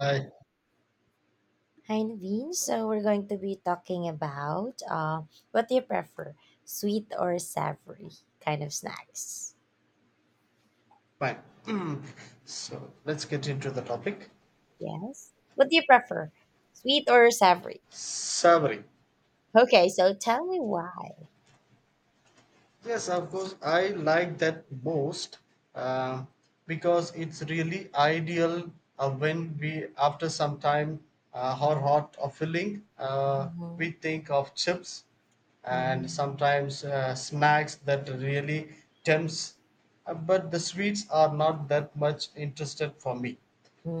I Hi, Naveen. So we're going to be talking about what do you prefer, sweet or savory kind of snacks? Fine. So let's get into the topic. Yes. What do you prefer, sweet or savory? Savory. Okay, so tell me why. Yes, of course, I like that most uh, because it's really ideal when we, after some time, our heart of filling, Mm-hmm. we think of chips and Mm-hmm. sometimes snacks that really tempts. But the sweets are not that much interested for me.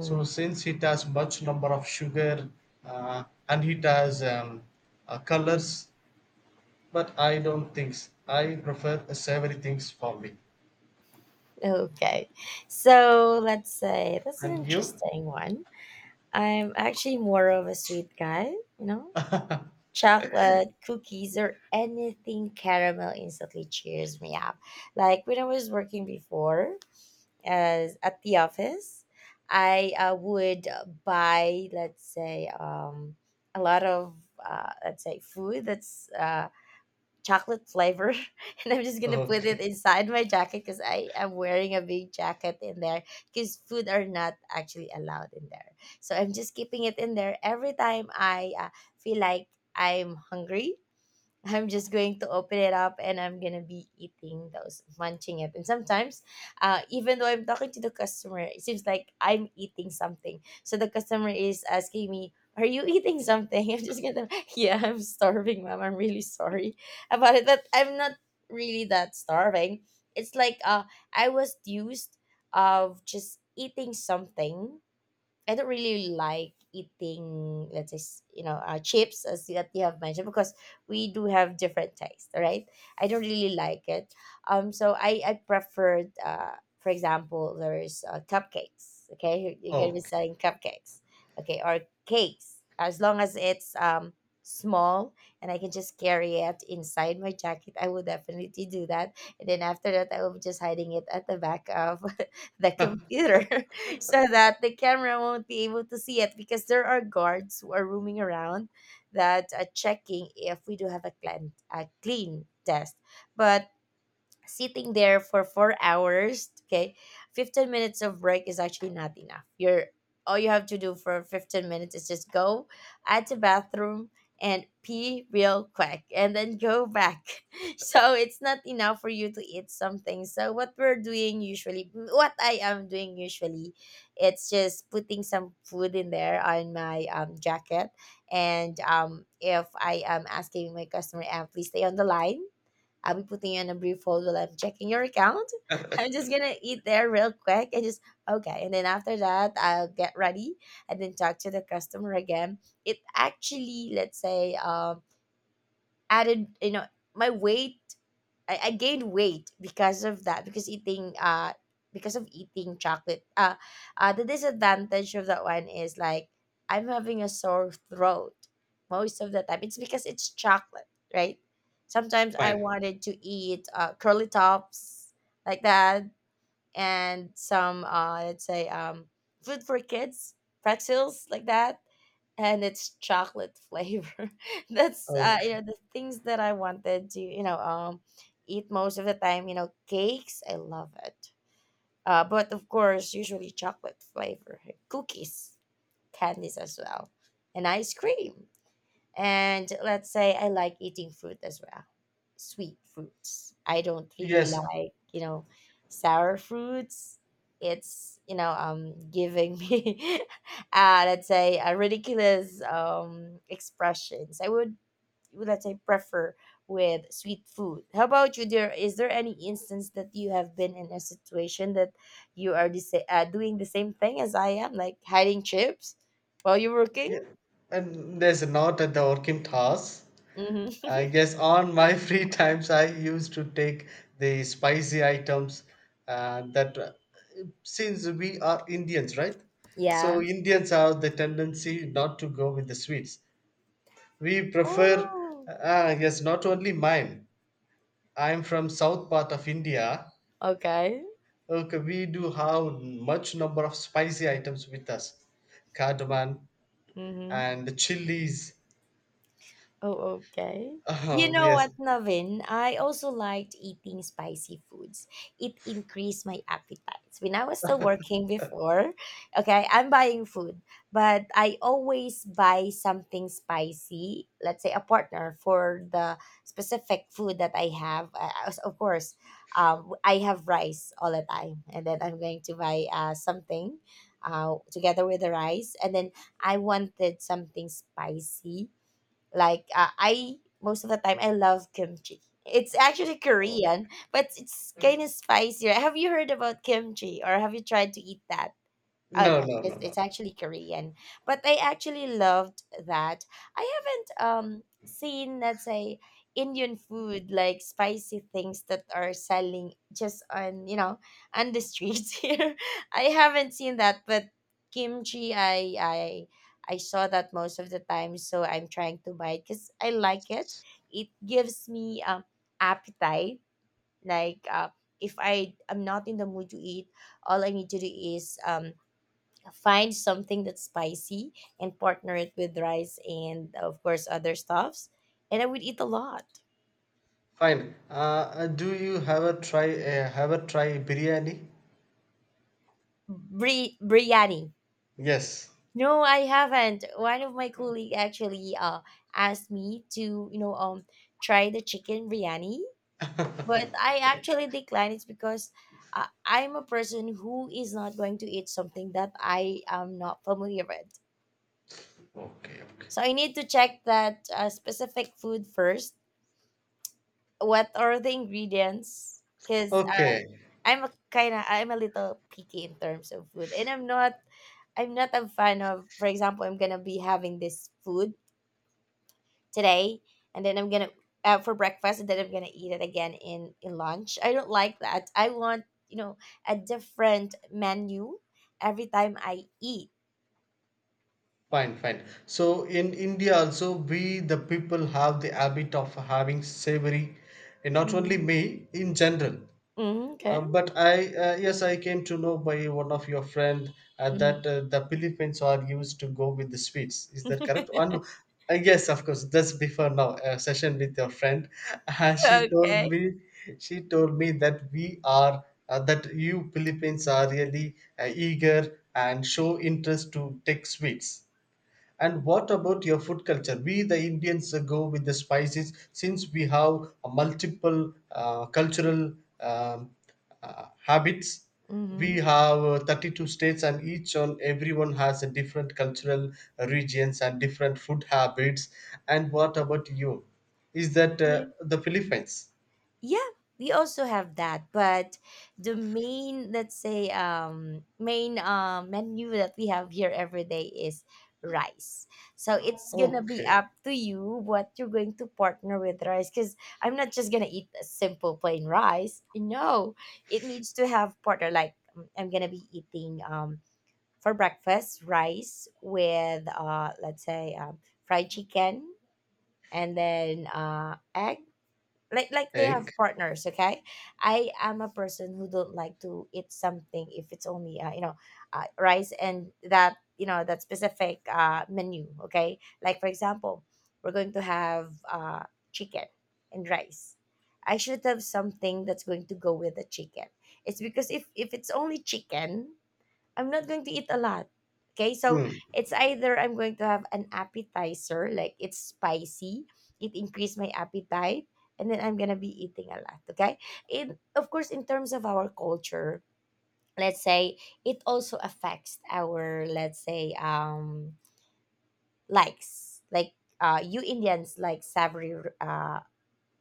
So since it has much number of sugar and it has colors, but I don't think I prefer savory things for me. Okay, so let's say that's an And you? interesting one. I'm actually more of a sweet guy, you know, chocolate, cookies, or anything caramel instantly cheers me up. Like when I was working before as at the office, I would buy, let's say, a lot of let's say food that's chocolate flavor and I'm just gonna put it Okay. inside my jacket because I am wearing a big jacket in there because food are not actually allowed in there, so I'm just keeping it in there. Every time I feel like I'm hungry, I'm just going to open it up and I'm gonna be eating those, munching it. And sometimes, even though I'm talking to the customer, it seems like I'm eating something. So the customer is asking me, "Are you eating something?" I'm just gonna, yeah, I'm starving, ma'am. I'm really sorry about it, but I'm not really that starving. It's like I was used of just eating something. I don't really like eating, let's say, you know, chips as that you have mentioned, because we do have different taste, right? I don't really like it. So I preferred, for example, there's cupcakes. Okay, you're gonna be Okay. selling cupcakes, okay, or cakes, as long as it's small and I can just carry it inside my jacket. I will definitely do that, and then after that, I will be just hiding it at the back of the computer. so that the camera won't be able to see it, because there are guards who are roaming around that are checking if we do have a clean test. But sitting there for 4 hours, okay, 15 minutes of break is actually not enough. You're all you have to do for 15 minutes is just go at the bathroom and pee real quick and then go back. So it's not enough for you to eat something. So what we're doing usually, what I am doing usually, it's just putting some food in there on my jacket. And if I am asking my customer, please stay on the line, I'll be putting in a brief hold while I'm checking your account. I'm just gonna eat there real quick and just okay. And then after that, I'll get ready and then talk to the customer again. It actually, let's say, added, you know, my weight. I gained weight because of that, because eating because of eating chocolate the disadvantage of that one is like I'm having a sore throat most of the time. It's because it's chocolate, right? Sometimes I Fine. wanted to eat curly tops like that, and some let's say food for kids, pretzels like that, and it's chocolate flavor. That's you Okay. know the things that I wanted to, you know, eat most of the time. You know, cakes, I love it. But of course, usually chocolate flavor, cookies, candies as well, and ice cream. And let's say I like eating fruit as well, sweet fruits. I don't really Yes. like, you know, sour fruits. It's, you know, giving me, let's say, a ridiculous expressions. I would, let's say, prefer with sweet food. How about you, dear? Is there any instance that you have been in a situation that you are the doing the same thing as I am, like hiding chips while you're working? Yeah. And there's a note at the working task. Hmm. I guess on my free times, I used to take the spicy items that, since we are Indians, right? Yeah. So Indians have the tendency not to go with the sweets. We prefer, Oh, yes, not only mine. I'm from south part of India. okay. Okay, we do have much number of spicy items with us, cardamom Hmm. and chilies. Oh, okay. You Oh know yes. what, Navin? I also liked eating spicy foods. It increased my appetite. When I was still working before, okay, I'm buying food, but I always buy something spicy, let's say a partner for the specific food that I have. Of course, I have rice all the time, and then I'm going to buy something together with the rice, and then I wanted something spicy, like I most of the time I love kimchi. It's actually Oh, Korean, but it's kind of spicier. Have you heard about kimchi or have you tried to eat that? Oh no, no, no, no, no. it's actually Korean. But I actually loved that. I haven't seen, let's say, Indian food like spicy things that are selling just on, you know, on the streets here. I haven't seen that, but kimchi, I saw that most of the time, so I'm trying to buy it because I like it. It gives me appetite. Like if I am not in the mood to eat, all I need to do is find something that's spicy and partner it with rice and of course other stuffs, and I would eat a lot. Fine. Do you have a try? Have a try biryani? Biryani, Yes. no, I haven't. One of my colleague actually asked me to, you know, try the chicken biryani, but I actually declined it because I'm a person who is not going to eat something that I am not familiar with. Okay. Okay. So I need to check that specific food first, what are the ingredients, because Okay. I'm a kind of I'm a little picky in terms of food, and I'm not a fan of. For example, I'm gonna be having this food today, and then I'm gonna for breakfast, and then I'm gonna eat it again in lunch. I don't like that. I want, you know, a different menu every time I eat. Fine. Fine. So in India also, we the people have the habit of having savory, and not only Mm-hmm. me in general. Mm-hmm. Okay. But I, yes, I came to know by one of your friend Mm-hmm. that the Philippines are used to go with the sweets. Is that correct? And yes, of course. That's before now a session with your friend. Uh, she told okay. me, she told me, that we are that you Philippines are really eager and show interest to take sweets. And what about your food culture? We, the Indians, go with the spices since we have a multiple cultural um, habits. We Mm-hmm. have 32 states, and each on everyone has a different cultural regions and different food habits. And what about you? Is that the Philippines? Yeah, we also have that, but the main, let's say, main menu that we have here every day is rice. So it's gonna be Okay, up to you what you're going to partner with rice. Cause I'm not just gonna eat a simple plain rice. No, it needs to have partner. Like I'm gonna be eating for breakfast rice with let's say fried chicken, and then egg. Like they have egg. partners, okay? I am a person who don't like to eat something if it's only you know, rice and that, you know, that specific menu, okay? Like for example, we're going to have chicken and rice. I should have something that's going to go with the chicken. It's because if it's only chicken, I'm not going to eat a lot. Okay, so Hmm. it's either I'm going to have an appetizer, like it's spicy, it increased my appetite, and then I'm gonna be eating a lot. Okay, in of course, in terms of our culture, let's say it also affects our, let's say, likes, like you Indians like savory uh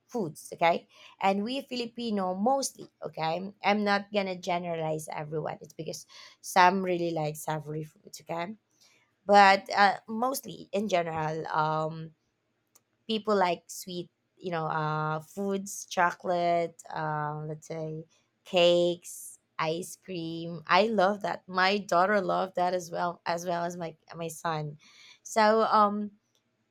foods, okay? And we Filipino mostly, okay? I'm not gonna generalize everyone. It's because some really like savory foods, okay? But mostly in general, people like sweet, you know, foods, chocolate, let's say cakes, ice cream. I love that. My daughter loved that as well, as well as my son. So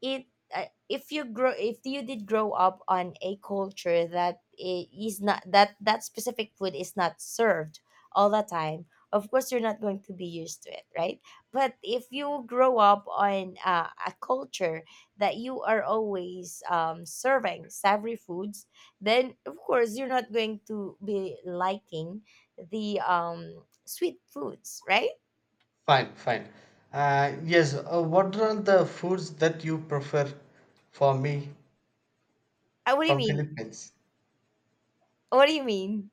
it if you grow if you did grow up on a culture that is not that specific food is not served all the time, of course you're not going to be used to it, right? But if you grow up on a culture that you are always serving savory foods, then of course you're not going to be liking the sweet foods, right? Fine, fine. Yes, what are the foods that you prefer for me? What do you From mean? Philippines. What do you mean?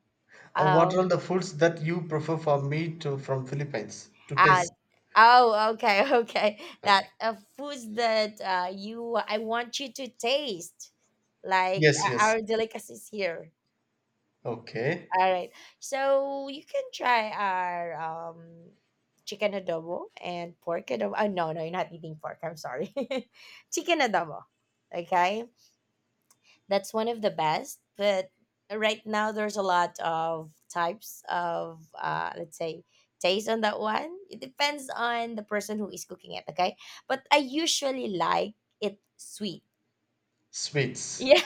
What Um, are the foods that you prefer for me to from Philippines to Uh, taste? oh, okay, okay. That Okay. Foods that you I want you to taste, like Yes, yes. our delicacies here. Okay. All right, so you can try our chicken adobo and pork adobo. Oh no, no, you're not eating pork. I'm sorry, chicken adobo. Okay, that's one of the best. But right now there's a lot of types of let's say taste on that one. It depends on the person who is cooking it, okay? But I usually like it sweet. Sweets. Yeah.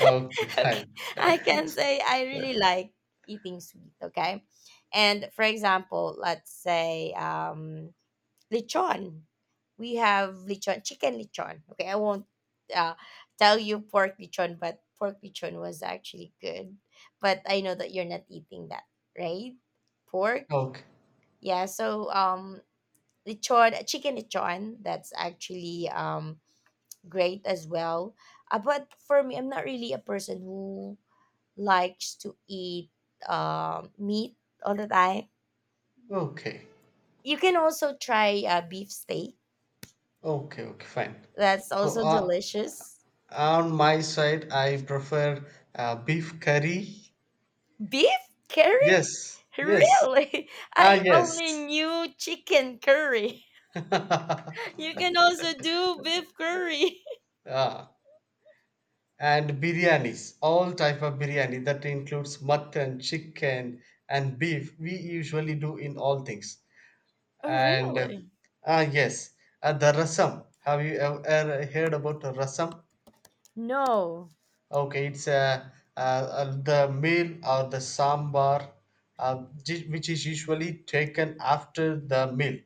Okay, okay. fine. I can say I really like eating sweet, okay? And for example, let's say lechon. We have lechon, chicken lechon. Okay, I won't uh, tell you pork lechon, but pork lechon was actually good. But I know that you're not eating that, right? Pork, Okay. yeah. So lechon, chicken lechon. That's actually great as well. But for me, I'm not really a person who likes to eat meat all the time. Okay. You can also try beef steak. Okay, okay, fine. That's So also delicious. on my side, I prefer beef curry. Beef curry? Yes, yes. Really? I Ah, yes. only knew chicken curry. You can also do beef curry. Ah, and biryanis, all type of biryani that includes mutton, chicken, and beef. We usually do in all things. Oh, And really? Yes, the rasam. Have you ever heard about the rasam? No. Okay, it's the meal or the sambar, which is usually taken after the meal.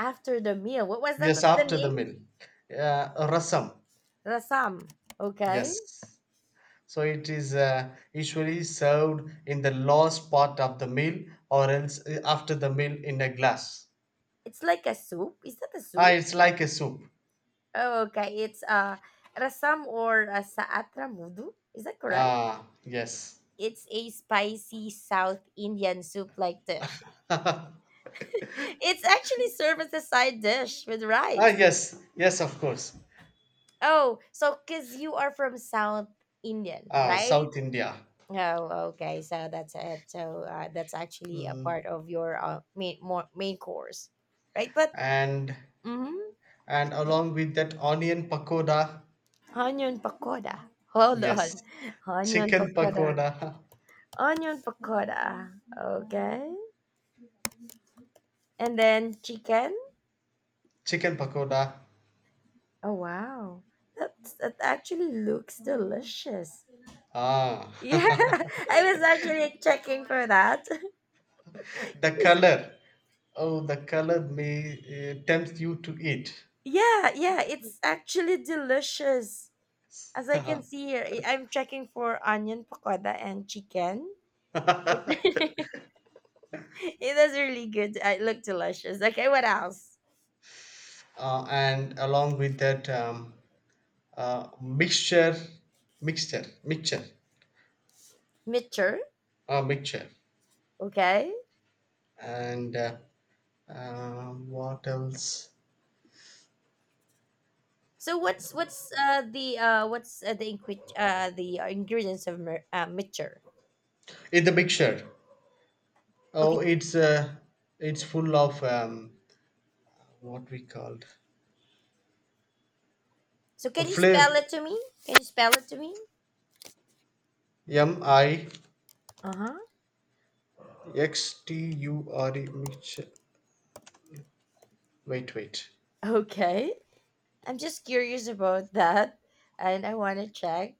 After the meal. What was that? Yes, What's the after the name? meal. Rasam. Rasam. Okay. Yes. So it is usually served in the last part of the meal or else after the meal in a glass. It's like a soup. Is that a Ah, soup? it's like a soup. Oh, okay. It's rasam or a saatra mudu. Is that correct? Ah, yes. It's a spicy South Indian soup like dish. It's actually served as a side dish with Ah, rice. yes, yes, of course. Oh, so because you are from South Indian, Ah, right? South India. Oh, okay. So that's it. So that's actually a Mm. part of your main more, main course, right? But And mm and along with that onion pakoda, onion pakoda. Hold yes. on, onion Chicken pakoda, pakoda. onion pakoda. Okay, and then chicken. Chicken pakoda. Oh wow, that's, that actually looks delicious. Ah. Yeah, I was actually checking for that. The color. Oh, the color may tempt you to eat. Yeah, yeah, it's actually delicious. As I uh, can see here, I'm checking for onion pakoda and chicken. It it is really good. It looked delicious. Okay, what else? and along with that uh, mixture, mixture, mixture, Mitcher. mixture, Okay. and what else? So what's the ingredients of mitcher? In the mixture. Okay. Oh, it's full of what we called So a can you fla spell it to me? Can you spell it to me? M I Uh huh. X T U R E mixture. Wait, wait. Okay. I'm just curious about that, and I want to check.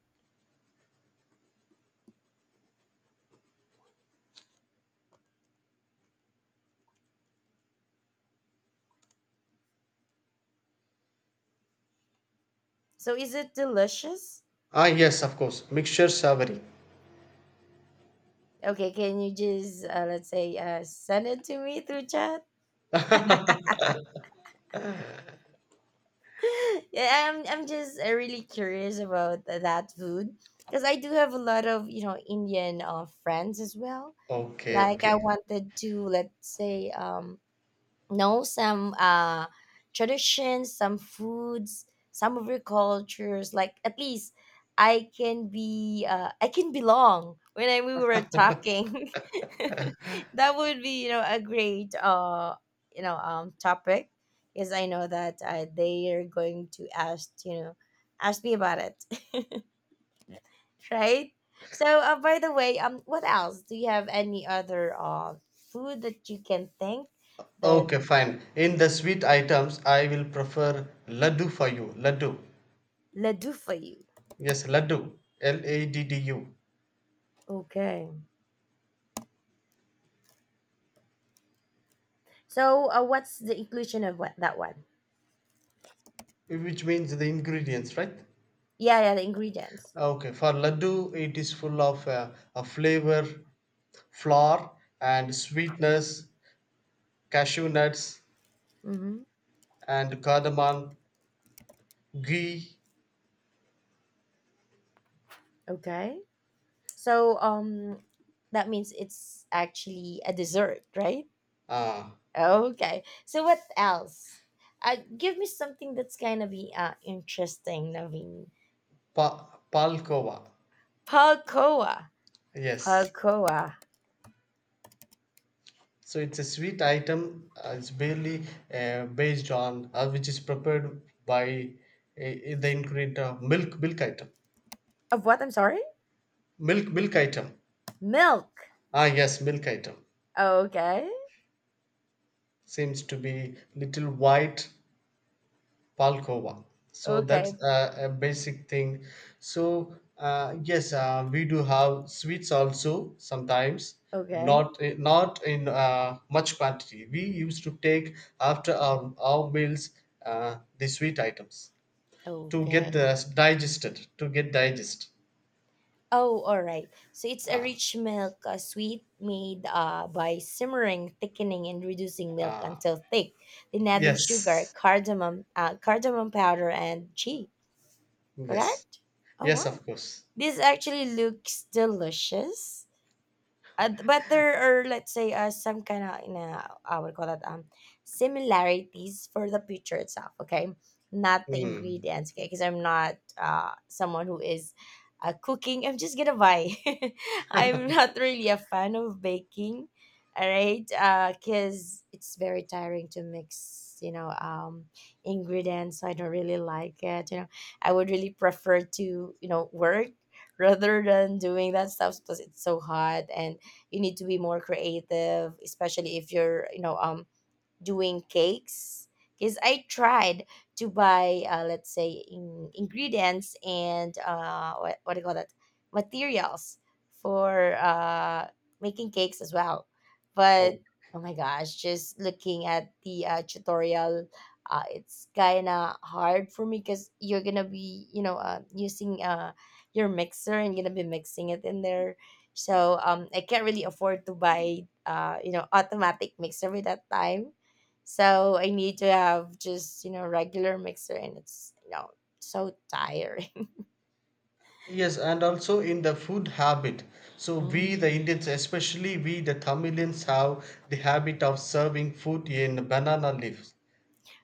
So is it delicious? Ah, yes, of course. Mixture savory. Okay, can you just let's say send it to me through chat? Yeah, I'm just really curious about that food because I do have a lot of, you know, Indian friends as well. Okay, Like I okay, wanted to, let's say, know some traditions, some foods, some of your cultures, like at least I can be I can belong when we were talking, that would be, you know, a great you know topic, because I know that they are going to ask, you know, ask me about it. Right? So by the way, what else? Do you have any other food that you can think that. okay, fine. In the sweet items, I will prefer laddu for you. Laddu. Let do for you. Yes, laddu. L A D D U, Okay. So, what's the inclusion of what, that one? which means the ingredients, right? Yeah, yeah, the ingredients. Okay, for laddu, it is full of a flavor, flour, and sweetness, cashew nuts Mm-hmm. and cardamom, ghee. Okay. So, that means it's actually a dessert, right? uh, Okay. So, what else? Give me something that's gonna be interesting, Naveen. pa- Palkova. Palcoa. Yes, Palcoa. so it's a sweet item. It's barely based on which is prepared by the ingredient of milk item. Of what? I'm sorry. Milk item. Milk. Ah yes, milk item. Okay. Seems to be little white. Palkova. So that's Okay. A basic thing. So yes, we do have sweets also sometimes, Okay. not in much quantity. We used to take after our meals the sweet items to get Okay. Digested, to get digest. Oh, all right. So it's a Ah, rich milk sweet made by simmering, thickening, and reducing milk until thick, then adding sugar, yes, cardamom, cardamom powder, and ghee. yes, Correct? Oh yes, wow, of course. this actually looks delicious. But there are, let's say, some kind of, you know, I would call that similarities for the picture itself, okay? Not the Mm. ingredients, okay? Because I'm not someone who is cooking. I'm just gonna buy. I'm not really a fan of baking, all right? Because it's very tiring to mix, you know, ingredients. So I don't really like it, you know. I would really prefer to, you know, work rather than doing that stuff because it's so hot and you need to be more creative, especially if you're, you know, doing cakes, because I tried to buy, let's say, ingredients and what do you call that? Materials for making cakes as well. But oh my gosh, just looking at the tutorial, it's kind of hard for me because you're going to be, you know, using your mixer and going to be mixing it in there. So I can't really afford to buy, you know, automatic mixer at that time, so I need to have just, you know, regular mixer, and it's, you know, so tiring. Yes, and also in the food habit. So we Mm. the Indians, especially we the Tamilians, have the habit of serving food in banana leaves.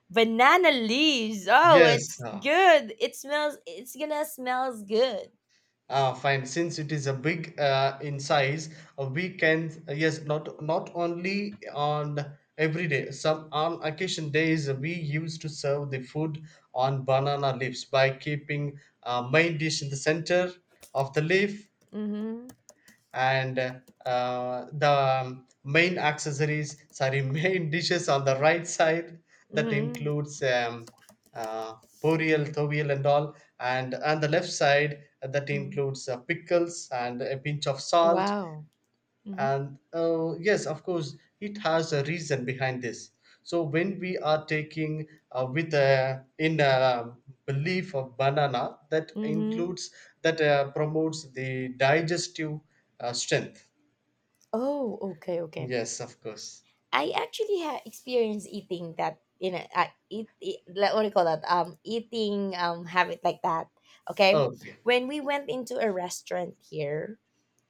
Banana leaves. Oh, Yes. it's good. It smells, it's gonna smells good. Fine. Since it is a big in size, we can yes, not only on every day. Some on occasion days we used to serve the food on banana leaves by keeping main dish in the center of the leaf, Mhm. and the main accessories, sorry, main dishes on the right side that Mhm. includes uh, burial tovial and all, and on the left side that Mm. includes pickles and a pinch of salt. Wow. Mhm. And yes, of course, it has a reason behind this. So when we are taking with a in a belief of banana that Mhm. includes that promotes the digestive strength. Oh, okay, okay. Yes, of course. I actually had experience eating that, you know, eat, eat like, what do you call that? Eating habit like that. Okay, Okay. when we went into a restaurant here,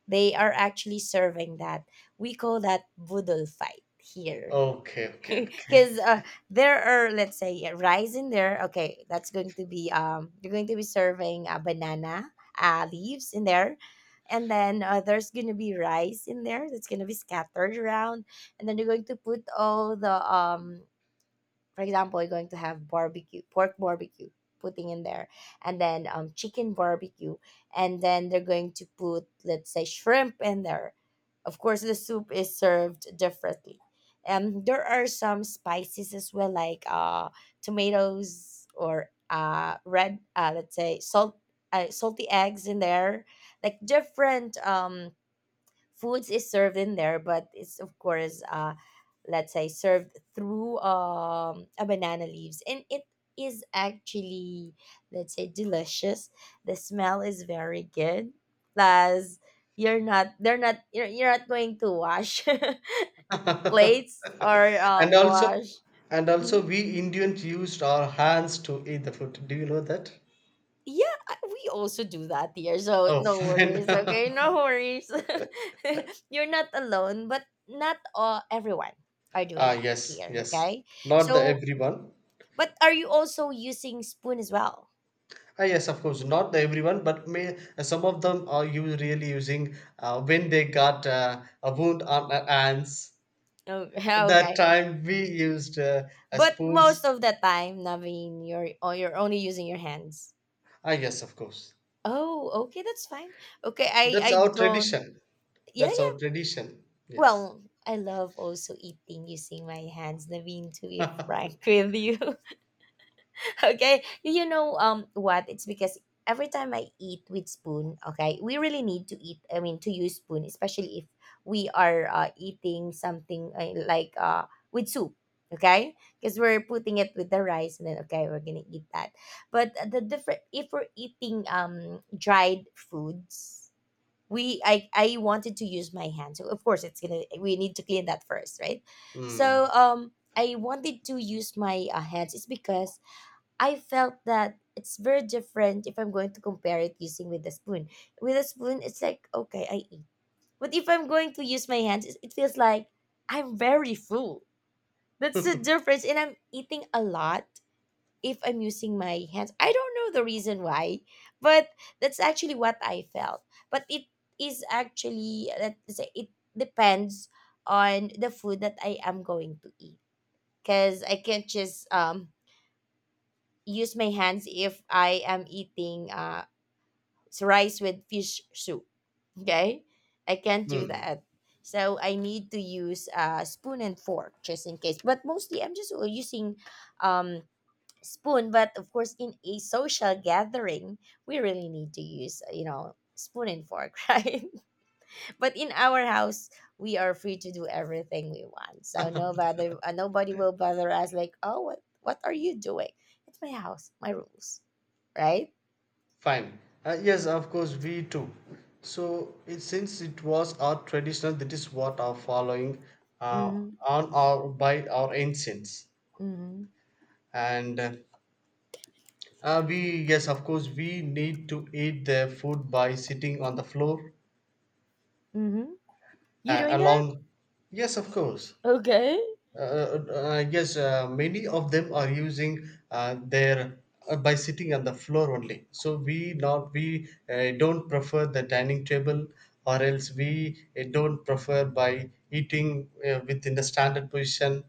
they are actually serving that. We call that boodle fight here. Okay, okay, okay. Because there are, let's say, rice in there. Okay, that's going to be, you're going to be serving banana leaves in there. And then there's going to be rice in there that's going to be scattered around. And then you're going to put all the for example, you're going to have barbecue, pork barbecue, putting in there, and then chicken barbecue, and then they're going to put, let's say, shrimp in there. Of course, the soup is served differently. There are some spices as well, like tomatoes or red, let's say, salt, salty eggs in there, like different foods is served in there, but it's of course let's say served through a banana leaves, and it is actually, let's say, delicious. The smell is very good. Plus you're not they're not you're not going to wash plates or And also wash. and also Mhm. we Indians used our hands to eat the food. Do you know that? Yeah, we also do that here, so Oh, no fine. worries, okay? No worries. You're not alone, but not all everyone are doing Ah, that yes, here, yes. okay? Not the So, everyone. but are you also using spoon as well? Ah, yes, of course, not the everyone, but may some of them are you really using when they got a wound on their hands. Oh, That okay. time we used But most spoons. of the time, Naveen, you're oh, you're only using your hands. Ah, yes, of course. Oh, okay, that's fine. Okay, I That's I our don't. tradition. Yeah, That's yeah. our tradition. Yes. Well, I love also eating using my hands, Naveen, to be frank with you. Okay, you know, what, it's because every time I eat with spoon, okay, we really need to eat I mean to use spoon, especially if we are eating something with soup, okay, because we're putting it with the rice, and then okay, we're gonna eat that. But the different if we're eating dried foods, we I I wanted to use my hand, so of course it's gonna, we need to clean that first, right? So Mm, I wanted to use my hands. It's because I felt that it's very different if I'm going to compare it using with a spoon. With a spoon, it's like, okay, I eat. But if I'm going to use my hands, it feels like I'm very full. That's the difference. And I'm eating a lot if I'm using my hands. I don't know the reason why, but that's actually what I felt. But it is actually, let's say, it depends on the food that I am going to eat. Because I can't just use my hands if I am eating rice with fish soup. Okay, I can't do mm, that. So I need to use a spoon and fork just in case. But mostly I'm just using um, spoon. But of course, in a social gathering, we really need to use, you know, spoon and fork, right? But in our house, we are free to do everything we want, so nobody will bother us like, oh, what are you doing. It's my house, my rules, right? fine. Yes, of course, we too. So, since it was our traditional, that is what our following, uh, Mm-hmm. on our by our ancients. Mm-hmm. And we yes, of course, we need to eat their food by sitting on the floor Mm-hmm. You doing that. along. Yes, of course. Okay, uh, I guess many of them are using their by sitting on the floor only. So we don't prefer the dining table, or else we don't prefer by eating within the standard position.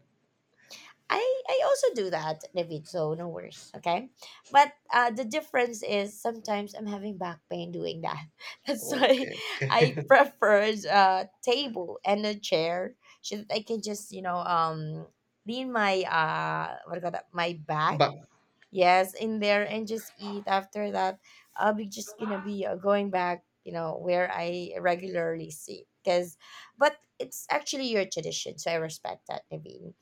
I also do that, David. So no worries, okay. But the difference is sometimes I'm having back pain doing that. That's why Okay, I okay, prefer a table and a chair so that I can just, you know, lean my what do you call that, my back, but yes, in there, and just eat. After that, I'll be just gonna be going back, you know, where I regularly sit because, but it's actually your tradition, so I respect that, David.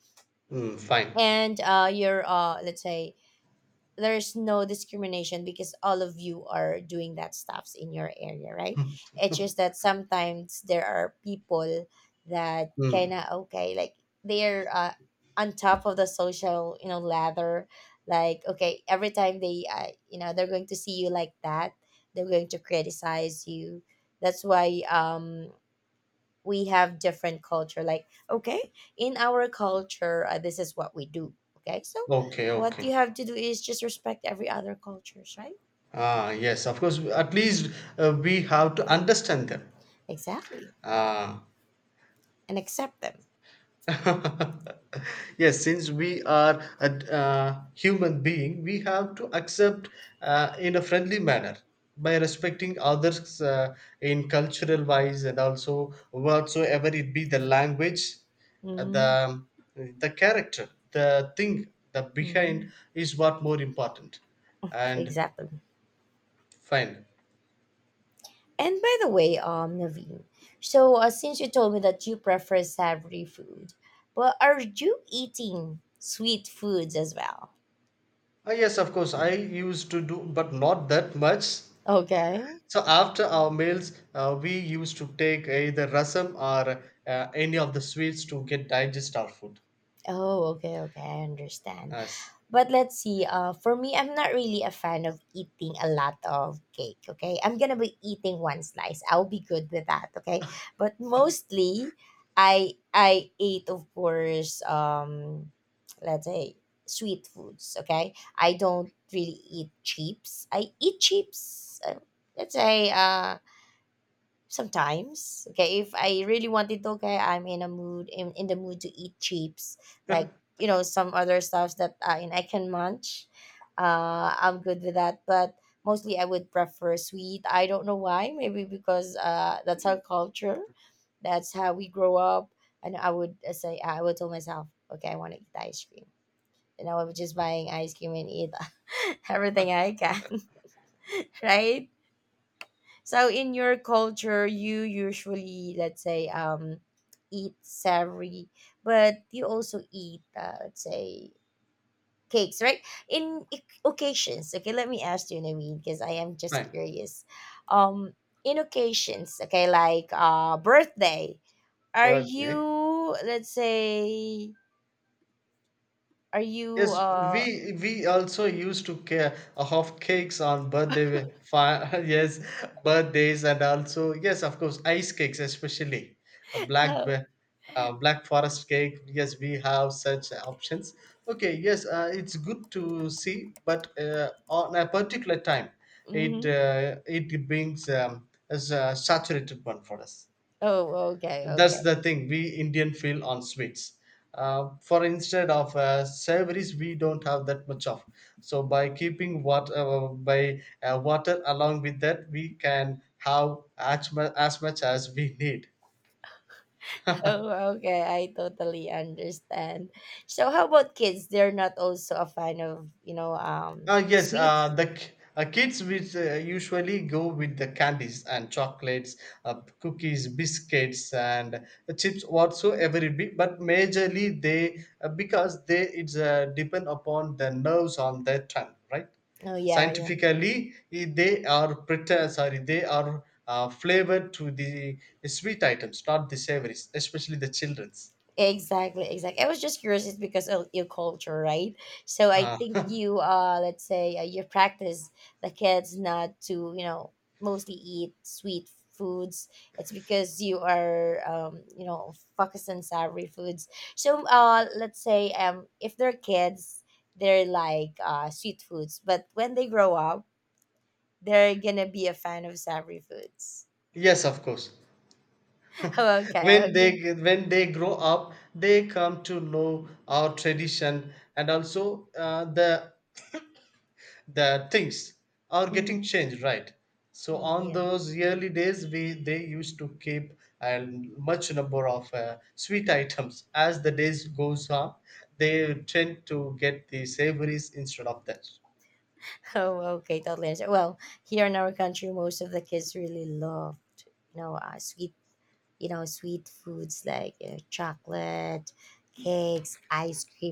mm, fine. And you're let's say, there's no discrimination because all of you are doing that stuffs in your area, right? It's just that sometimes there are people that Mm, kind of okay, like they're on top of the social, you know, ladder, like okay, every time they you know, they're going to see you like that, they're going to criticize you. That's why we have different culture, like okay, in our culture this is what we do, okay, so okay, what okay. you have to do is just respect every other cultures, right? Ah, yes, of course. At least we have to understand them. Exactly. Ah. And accept them. Yes, since we are a human being, we have to accept in a friendly manner by respecting others in cultural wise and also whatsoever it be the language, uh, the the character, the thing, the behind Mm-hmm. is what more important. And Exactly. fine. And by the way, Naveen, so since you told me that you prefer savory food, but are you eating sweet foods as well? Ah yes, of course, I used to do but not that much. Okay. So after our meals, we used to take either rasam or any of the sweets to get digest our food. Oh, okay, okay, I understand. Yes, But let's see. For me, I'm not really a fan of eating a lot of cake. Okay, I'm gonna be eating one slice. I'll be good with that. Okay, but mostly, I ate, of course, let's say, sweet foods. Okay, I don't really eat chips. I eat chips. Let's say sometimes, okay, if I really wanted to, okay, I'm in a mood in the mood to eat chips, like, you know, some other stuffs that I can munch. I'm good with that, but mostly I would prefer sweet. I don't know why. Maybe because that's our culture. That's how we grow up. And I would say, I would tell myself, okay, I want to eat ice cream, and I was just buying ice cream and eat everything I can, right? So in your culture, you usually, let's say, eat savory, but you also eat, let's say, cakes, right? In occasions, okay, let me ask you, Naveen, because I am just fine. curious. Um, in occasions, okay, like birthday, are Birthday. you, let's say, are you, Yes, we also used to have cakes on birthday. Yes, birthdays and also yes, of course, ice cakes especially, a oh, black forest cake. Yes, we have such options. Okay, yes, it's good to see, but on a particular time, it mhm. uh, it brings as a saturated one for us. Oh, okay, That's okay. the thing we Indian feel on sweets. For instead of savories, we don't have that much of. So by keeping water by water along with that, we can have as much as much as we need. Oh, okay. I totally understand. So how about kids? They're not also a fan of, you know, Yes, sweets? the kids which usually go with the candies and chocolates, cookies, biscuits, and chips whatsoever it be. But majorly they because they it's depend upon the nerves on their tongue, right? Oh, yeah, yeah. Scientifically, they are flavored to the sweet items, not the savories, especially the childrens. Exactly, exactly. I was just curious, it's because of your culture, right? So I Uh, think you, let's say, you practice the kids not to, you know, mostly eat sweet foods. It's because you are, you know, focused on savory foods. So, let's say, if they're kids, they're like sweet foods, but when they grow up, they're gonna be a fan of savory foods. yes, of course. Okay, when okay. they when they grow up, they come to know our tradition, and also the things are getting Mhm. changed, right? So on Yeah. those early days, we they used to keep a much number of sweet items. As the days goes on, they tend to get the savories instead of that. Oh, okay, totally understand. Well, here in our country, most of the kids really loved, you know, sweet, you know, sweet foods like you chocolate, cakes, ice creams.